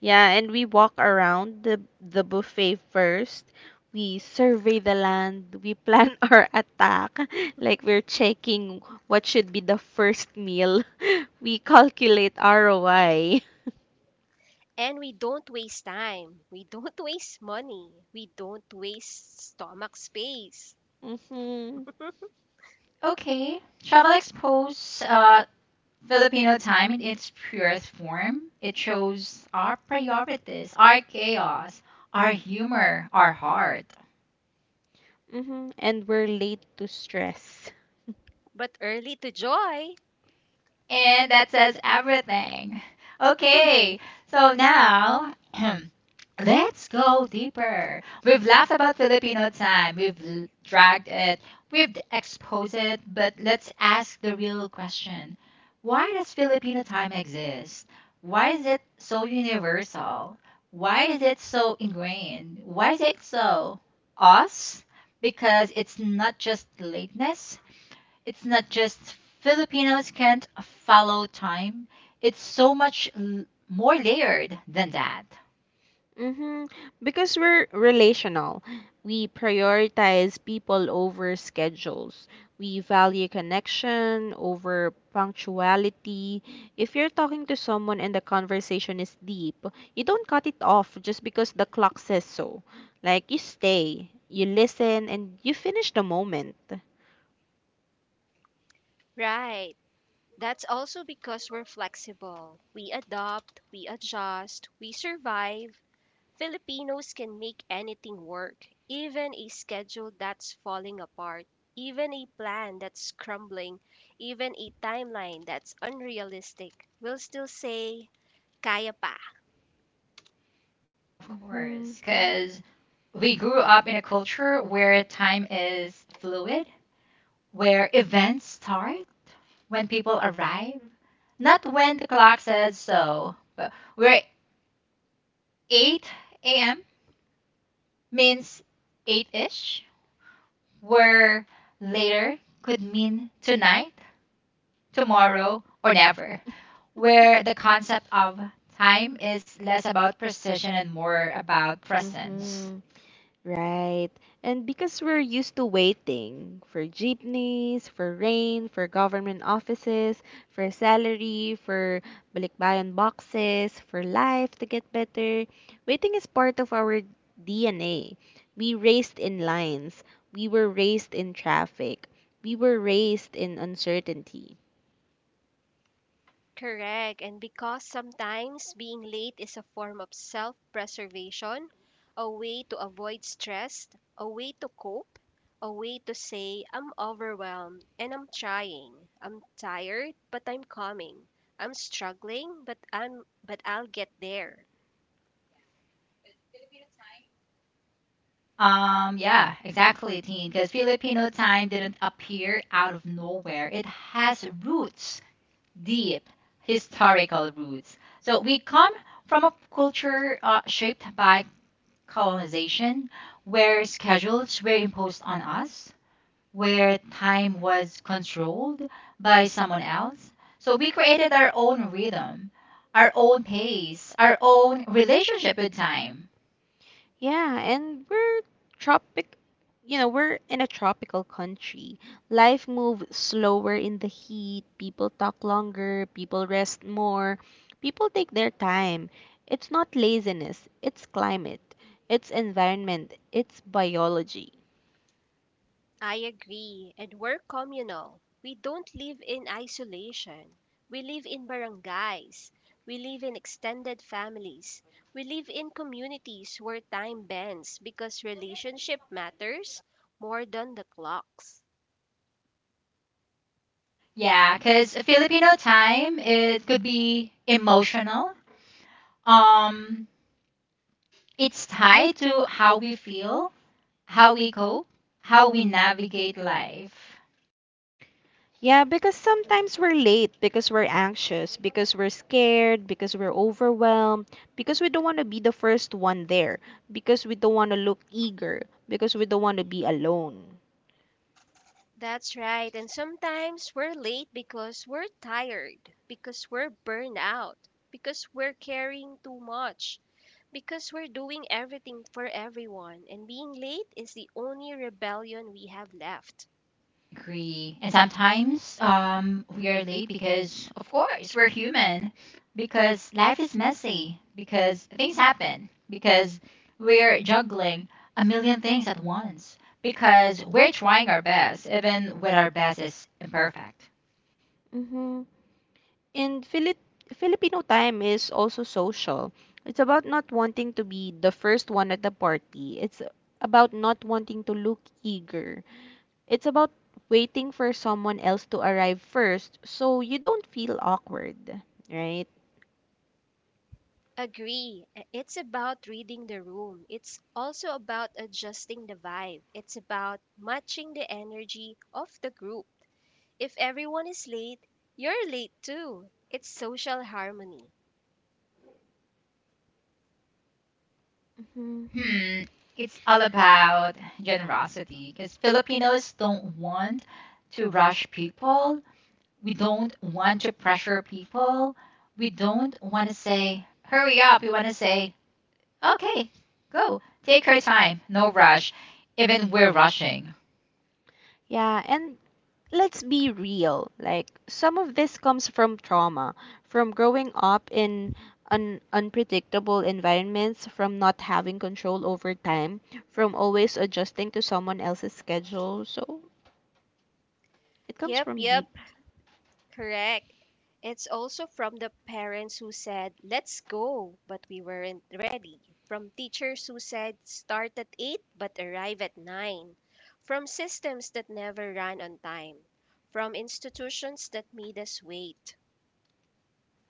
Yeah, and we walk around the buffet first. We survey the land, we plan [LAUGHS] our attack, like we're checking what should be the first meal. [LAUGHS] We calculate ROI.
and we don't waste time. We don't [LAUGHS] waste money. We don't waste stomach space.
Mm-hmm.
[LAUGHS]
Okay, travel expose, Filipino time in its purest form. It shows our priorities, our chaos, our humor, our heart.
Mm-hmm. And we're late to stress.
But early to joy,
And that says everything. [LAUGHS] Okay, so now [CLEARS THROAT] let's go deeper. We've laughed about Filipino time, dragged it, we've exposed it, but let's ask the real question: why does Filipino time exist? Why is it so universal? Why is it so ingrained? Why is it so us? Because it's not just lateness, it's not just Filipinos can't follow time. It's so more layered than that.
Mm-hmm. Because we're relational. We prioritize people over schedules. We value connection over punctuality. If you're talking to someone and the conversation is deep, you don't cut it off just because the clock says so. Like, you stay, you listen, and you finish the moment.
right? That's also because we're flexible. We adopt, we adjust, we survive. Filipinos can make anything work, even a schedule that's falling apart, even a plan that's crumbling, even a timeline that's unrealistic. We'll still say, "kaya pa."
Of
Mm-hmm.
course, because we grew up in a culture where time is fluid, where events start when people arrive, not when the clock says so, but where 8 a.m. means 8 ish, where later could mean tonight, tomorrow, or never, where the
[LAUGHS]
concept of time is less about precision and more about presence.
Mm-hmm. Right. And because we're used to waiting for jeepneys, for rain, for government offices, for salary, for balikbayan boxes, for life to get better, waiting is part of our DNA. We raced in lines. We were raised in traffic. We were raised in uncertainty.
Correct. And because sometimes being late is a form of self preservation, a way to avoid stress, a way to cope, a way to say, "I'm overwhelmed and I'm trying. I'm tired, but I'm coming. I'm struggling, but I'll get there."
Yeah, exactly, Teen, because Filipino time didn't appear out of nowhere. It has roots, deep historical roots. So we come from a culture shaped by colonization, where schedules were imposed on us, where time was controlled by someone else. So we created our own rhythm, our own pace, our own relationship with time.
Yeah, and we're tropic, you know, we're in a tropical country. Life moves slower in the heat. People talk longer. People rest more. People take their time. It's not laziness, it's climate, it's environment, it's biology.
I agree. And we're communal. We don't live in isolation. We live in barangays. We live in extended families. We live in communities where time bends because relationship matters more than the clocks.
Yeah, because Filipino time, it could be emotional. Um, it's tied to how we feel, how we cope, how we navigate life.
Yeah, because sometimes we're late, because we're anxious, because we're scared, because we're overwhelmed, because we don't want to be the first one there, because we don't want to look eager, because we don't want to be alone.
That's right. And sometimes we're late because we're tired, because we're burned out, because we're carrying too much, because we're doing everything for everyone, and being late is the only rebellion we have left.
Agree. And sometimes we are late because, of course, we're human, because life is messy, because things happen, because we're juggling a million things at once, because we're trying our best, even when our best is imperfect.
Mm-hmm. And Filipino time is also social. It's about not wanting to be the first one at the party. It's about not wanting to look eager. It's about waiting for someone else to arrive first so you don't feel awkward, right?
Agree. It's about reading the room. It's also about adjusting the vibe. It's about matching the energy of the group. If everyone is late, you're late too. It's social harmony.
Mm-hmm.
Hmm, it's all about generosity, because Filipinos don't want to rush people. We don't want to pressure people. We don't want to say, hurry up. We want to say, okay, go, take your time, no rush, even we're rushing.
Yeah, and let's be real. Like some of this comes from trauma, from growing up in unpredictable environments, from not having control over time, from always adjusting to someone else's schedule. So it comes
Yep,
from
yep.
deep.
Correct. It's also from the parents who said, "let's go," but we weren't ready. From teachers who said, "start at 8 but arrive at 9." From systems that never ran on time. From institutions that made us wait.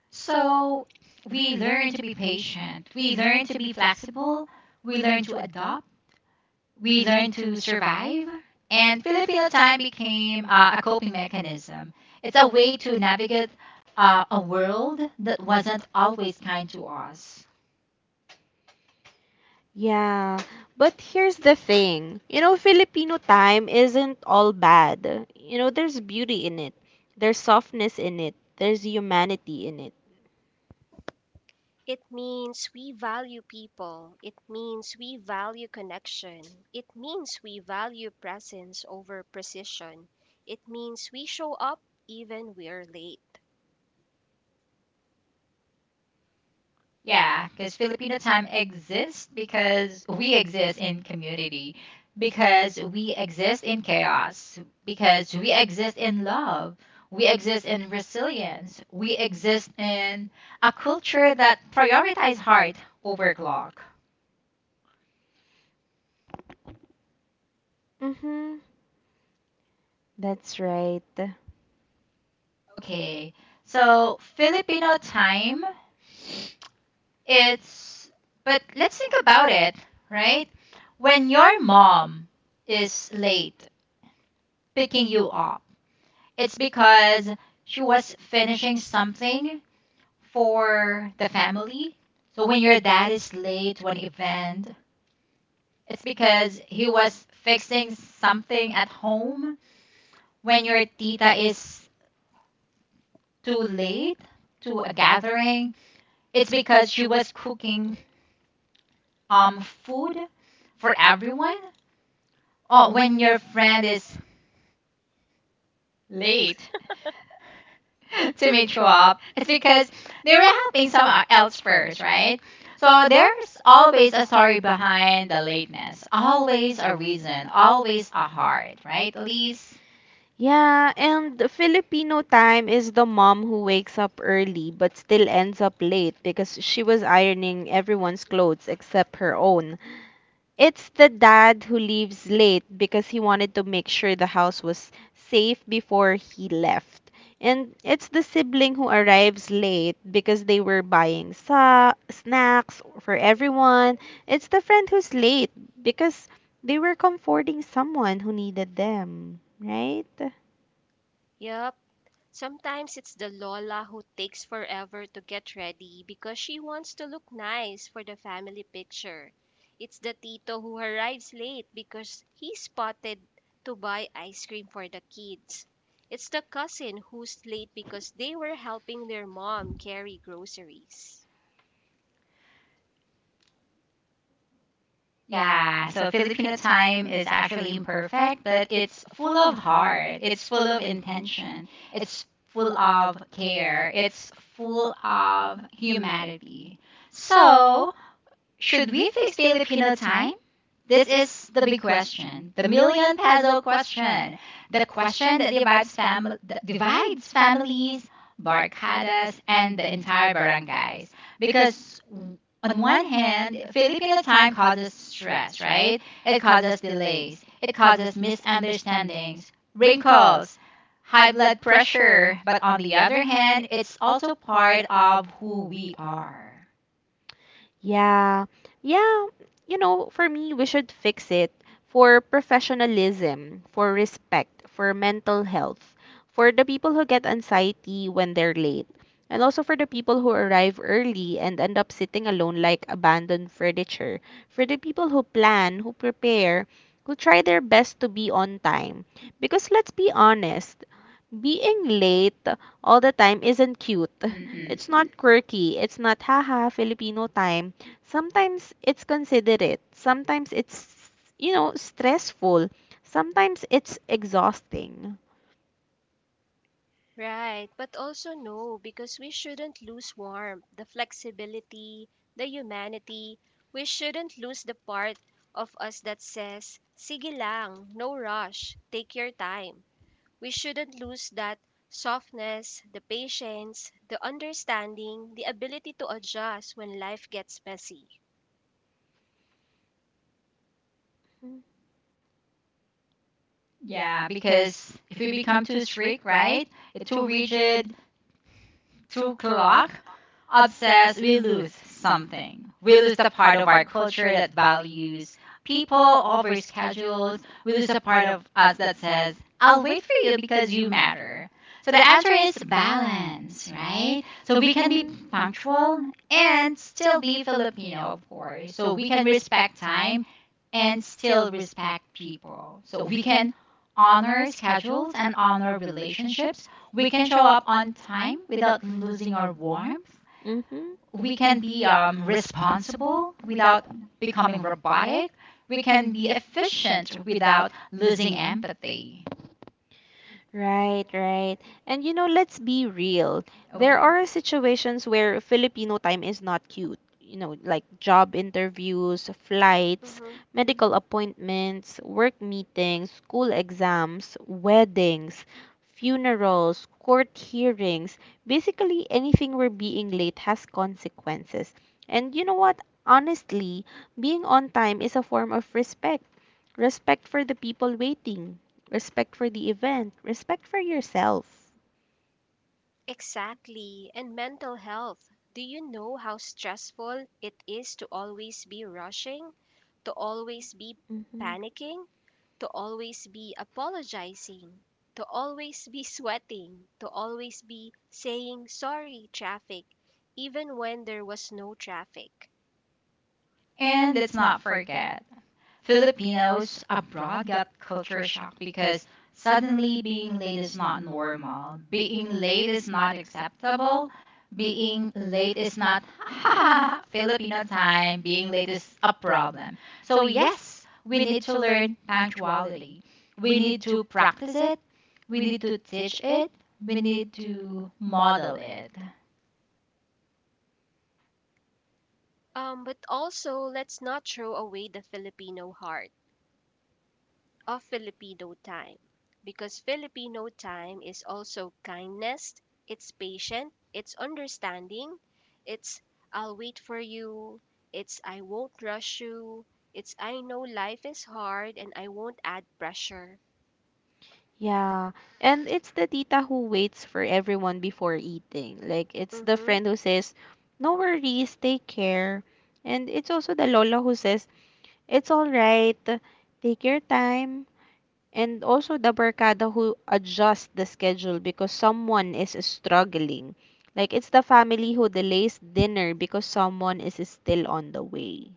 So we learn to be patient, we learn to be flexible, we learn to adopt, we learn to survive. And Filipino time became a coping mechanism. It's a way to navigate a world that wasn't always kind to us.
Yeah, but here's the thing. You know, Filipino time isn't all bad. You know, there's beauty in it. There's softness in it. There's humanity in it.
It means we value people. It means we value connection. It means we value presence over precision. It means we show up even we're late.
Yeah, because Filipino time exists because we exist in community, because we exist in chaos, because we exist in love, we exist in resilience, we exist in a culture that prioritizes heart over clock.
Mhm. That's right.
Okay, so Filipino time, it's, but let's think about it, right? When your mom is late picking you up, it's because she was finishing something for the family. So when your dad is late to an event, it's because he was fixing something at home. When your tita is too late to a gathering, it's because she was cooking food for everyone. Or when your friend is late [LAUGHS] to meet you up. It's because they were helping someone else first, right? So there's always a story behind the lateness, always a reason, always a heart, right, Elise?
Yeah, and the Filipino time is the mom who wakes up early but still ends up late because she was ironing everyone's clothes except her own. It's the dad who leaves late because he wanted to make sure the house was safe before he left. And it's the sibling who arrives late because they were buying sa snacks for everyone. It's the friend who's late because they were comforting someone who needed them, right?
Yep, sometimes it's the Lola who takes forever to get ready because she wants to look nice for the family picture. It's the Tito who arrives late because he spotted to buy ice cream for the kids. It's the cousin who's late because they were helping their mom carry groceries.
Yeah, so Filipino time is actually imperfect, but it's full of heart, it's full of intention, it's full of care, it's full of humanity. So, should we fix Filipino time? This is the big question, the million peso question, the question that divides, that divides families, barcadas, and the entire barangays. Because w- on one hand, Filipino time causes stress, right? It causes delays, it causes misunderstandings, wrinkles, high blood pressure. But on the other hand, it's also part of who we are.
Yeah. Yeah. You know, for me, we should fix it for professionalism, for respect, for mental health, for the people who get anxiety when they're late, and also for the people who arrive early and end up sitting alone like abandoned furniture, for the people who plan, who prepare, who try their best to be on time. Because let's be honest, being late all the time isn't cute. [LAUGHS]
Mm-mm.
It's not quirky. It's not haha Filipino time. Sometimes it's considerate, sometimes it's, you know, stressful, sometimes it's exhausting.
Right, but also no, because we shouldn't lose warmth, the flexibility, the humanity. We shouldn't lose the part of us that says, "sige lang, no rush, take your time." We shouldn't lose that softness, the patience, the understanding, the ability to adjust when life gets messy.
Yeah, because if we become too strict, right? Too rigid, too clock, obsessed, we lose something. We lose the part of our culture that values people over schedules. We lose a part of us that says, I'll wait for you because you matter. So the answer is balance, right? So we can be
Mm-hmm.
punctual and still be Filipino, of course. So we can respect time and still respect people. So we can honor schedules and honor relationships. We can show up on time without losing our warmth.
Mm-hmm.
We can be responsible without becoming robotic. We can be efficient without losing empathy.
Right, right. And you know, let's be real. There
Okay.
are situations where Filipino time is not cute. You know, like job interviews, flights,
Mhm.
medical appointments, work meetings, school exams, weddings, funerals, court hearings. Basically, anything where being late has consequences. And you know what? Honestly, being on time is a form of respect. Respect for the people waiting, respect for the event. Respect for yourself.
Exactly. And mental health. Do you know how stressful it is to always be rushing, to always be
Hmm.
panicking, to always be apologizing, to always be [LAUGHS] sweating, to always be saying "sorry traffic," even when there was no traffic?
And let's not forget Filipinos abroad got culture shock because suddenly being late is not normal. Being late is not acceptable. Being late is not [LAUGHS] Filipino time. Being late is a problem. So, yes, we need to learn punctuality. We need to practice it. We need to teach it. We need to model it.
But also, let's not throw away the Filipino heart of Filipino time, because Filipino time is also kindness, it's patient, it's understanding, it's "I'll wait for you," it's "I won't rush you," it's "I know life is hard and I won't add pressure."
Yeah. And it's the tita who waits for everyone before eating. Like, it's the
Mm-hmm.
friend who says, no worries, take care. And it's also the lola who says, it's all right, take your time. And also the barkada who adjusts the schedule because someone is struggling. Like, it's the family who delays dinner because someone is still on the way.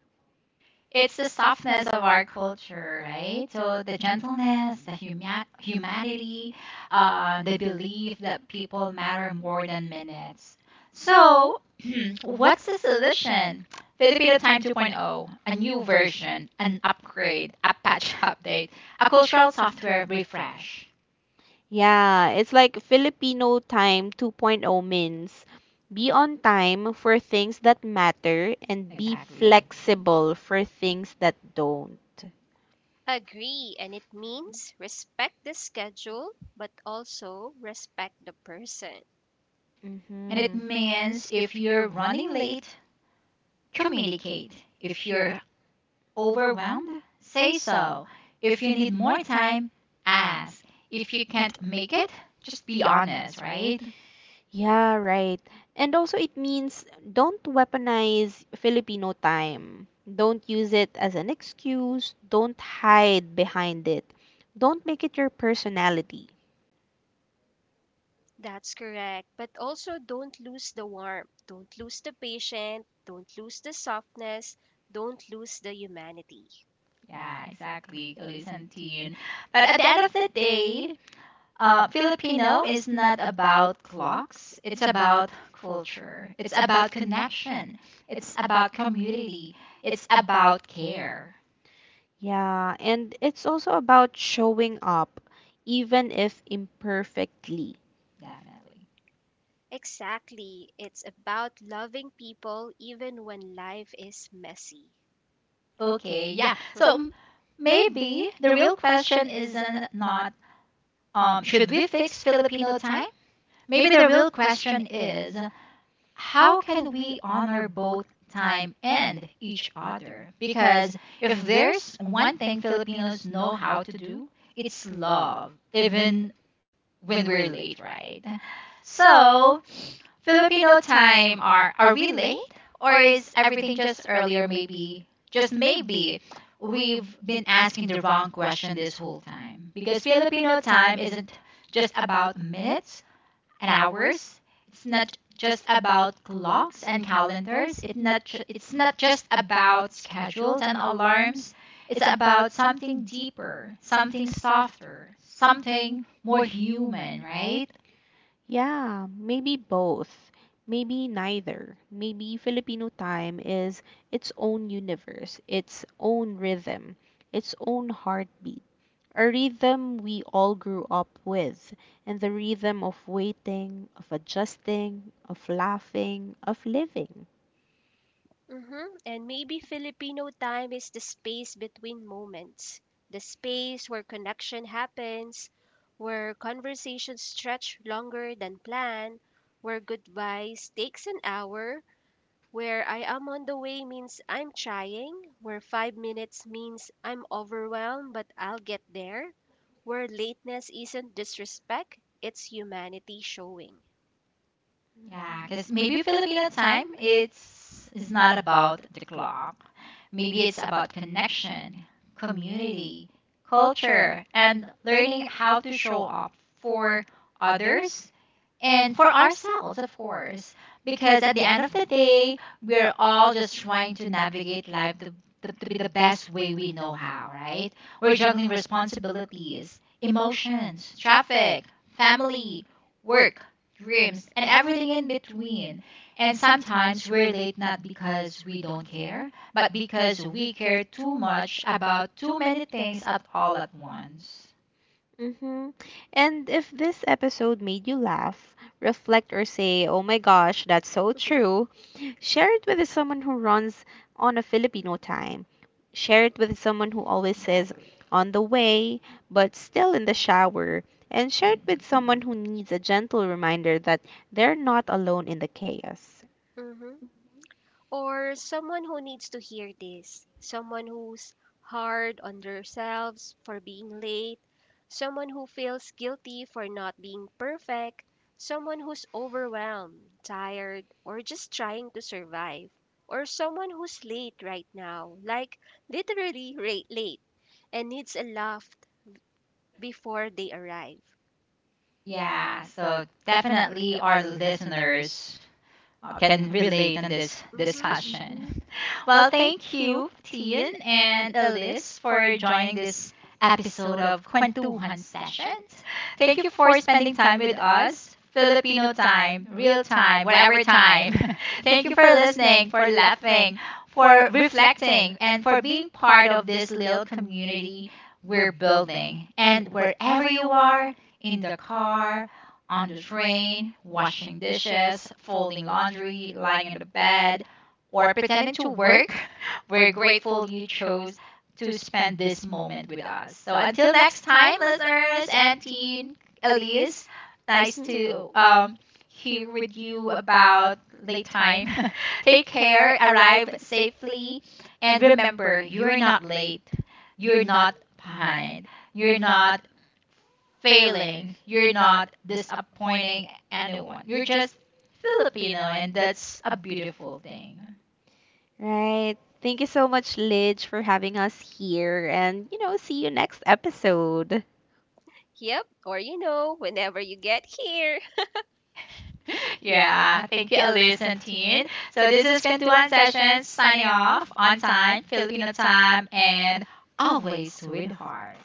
It's the softness of our culture, right? So the gentleness, the humanity, the belief that people matter more than minutes. So, [CLEARS THROAT] what's the solution? Filipino Time 2.0, a new version, an upgrade, a patch [LAUGHS] update, a cultural software refresh.
Yeah, it's like Filipino time 2.0 means be on time for things that matter and be
Exactly.
flexible for things that don't.
Agree, and it means respect the schedule but also respect the person.
And it
Mm-hmm.
means if you're running late, communicate. If you're overwhelmed, say so. If you need more time, ask. If you can't make it, just be honest, right?
Yeah, right. And also, it means don't weaponize Filipino time. Don't use it as an excuse. Don't hide behind it. Don't make it your personality.
That's correct. But also don't lose the warmth, don't lose the patience, don't lose the softness, don't lose the humanity.
Yeah, exactly, Elisantine. But at the end of the day, Filipino is not about clocks. It's about culture. It's about connection. It's about community. It's about care.
Yeah, and it's also about showing up, even if imperfectly.
Definitely.
Exactly. It's about loving people even when life is messy.
Okay, yeah.
[LAUGHS]
Maybe the real question isn't not should we fix Filipino time? Maybe the real question is how can we honor both time and each other? Because if there's one thing Filipinos know how to do, it's love, even when we're late, right? So, Filipino time, are we late or is everything just earlier? Maybe, just maybe, we've been asking the wrong question this whole time, because Filipino time isn't just about minutes and hours. It's not just about clocks and calendars. It's not just about schedules and alarms. It's about something deeper, something softer, something more human, right?
Yeah, maybe both. Maybe neither. Maybe Filipino time is its own universe, its own rhythm, its own heartbeat. A rhythm we all grew up with, and the rhythm of waiting, of adjusting, of laughing, of living.
Mm-hmm. And maybe Filipino time is the space between moments, the space where connection happens, where conversations stretch longer than planned, where goodbyes takes an hour, where "I am on the way" means "I'm trying," where 5 minutes means "I'm overwhelmed but I'll get there," where lateness isn't disrespect, it's humanity showing.
Yeah, because maybe Filipino time it's is not about the clock. Maybe it's about connection, community, culture, and learning how to show up for others and for ourselves, of course, because at the end of the day, we're all just trying to navigate life the, to be the best way we know how, right? We're juggling responsibilities, emotions, traffic, family, work, dreams, and everything in between. And sometimes we're late not because we don't care, but because we care too much about too many things at all at once.
Hmm. And if this episode made you laugh, reflect, or say, oh my gosh, that's so
[LAUGHS]
true, share it
Yeah,
with someone who runs on a Filipino time. Share it with someone who always says
exactly.
on the way, but still in the shower. And share it
Mhm.
with someone who needs a gentle reminder that they're not alone in the chaos.
Mhm. Or someone who needs to hear this, someone who's hard on themselves for being late, someone who feels guilty for not being perfect, someone who's overwhelmed, tired, or just trying to survive, or someone who's late right now, like literally rate late, and needs a laugh before they arrive.
Yeah, so definitely our listeners can relate on this
Mm-hmm.
discussion.
Hmm.
Well, thank you, Tian and Elise, for joining this episode of Kwentuhan Sessions. Thank you for spending time with us. Filipino time, real time, whatever time. [LAUGHS] Thank you for
[LAUGHS]
listening, for laughing, for reflecting, and for being part of this little community we're building. And wherever you are, in the car, on the train, washing dishes, folding laundry, lying in the bed, or pretending to work, [LAUGHS] we're grateful you chose to spend this moment with us. So until next time, listeners and teen Elise, nice
Mhm.
to hear with you about late time. [LAUGHS] Take care, arrive safely, and remember, you're not late, you're not behind, you're not failing, you're not disappointing anyone. You're just Filipino, and that's a beautiful thing.
Right. Thank you so much, Lidge, for having us here. And, you know, see you next episode.
Yep, or you know, whenever you get here.
[LAUGHS] Yeah, thank you, Elise and Teen. So this is Kantuan Sessions signing off on time, Filipino time, and always with
Yes.
heart.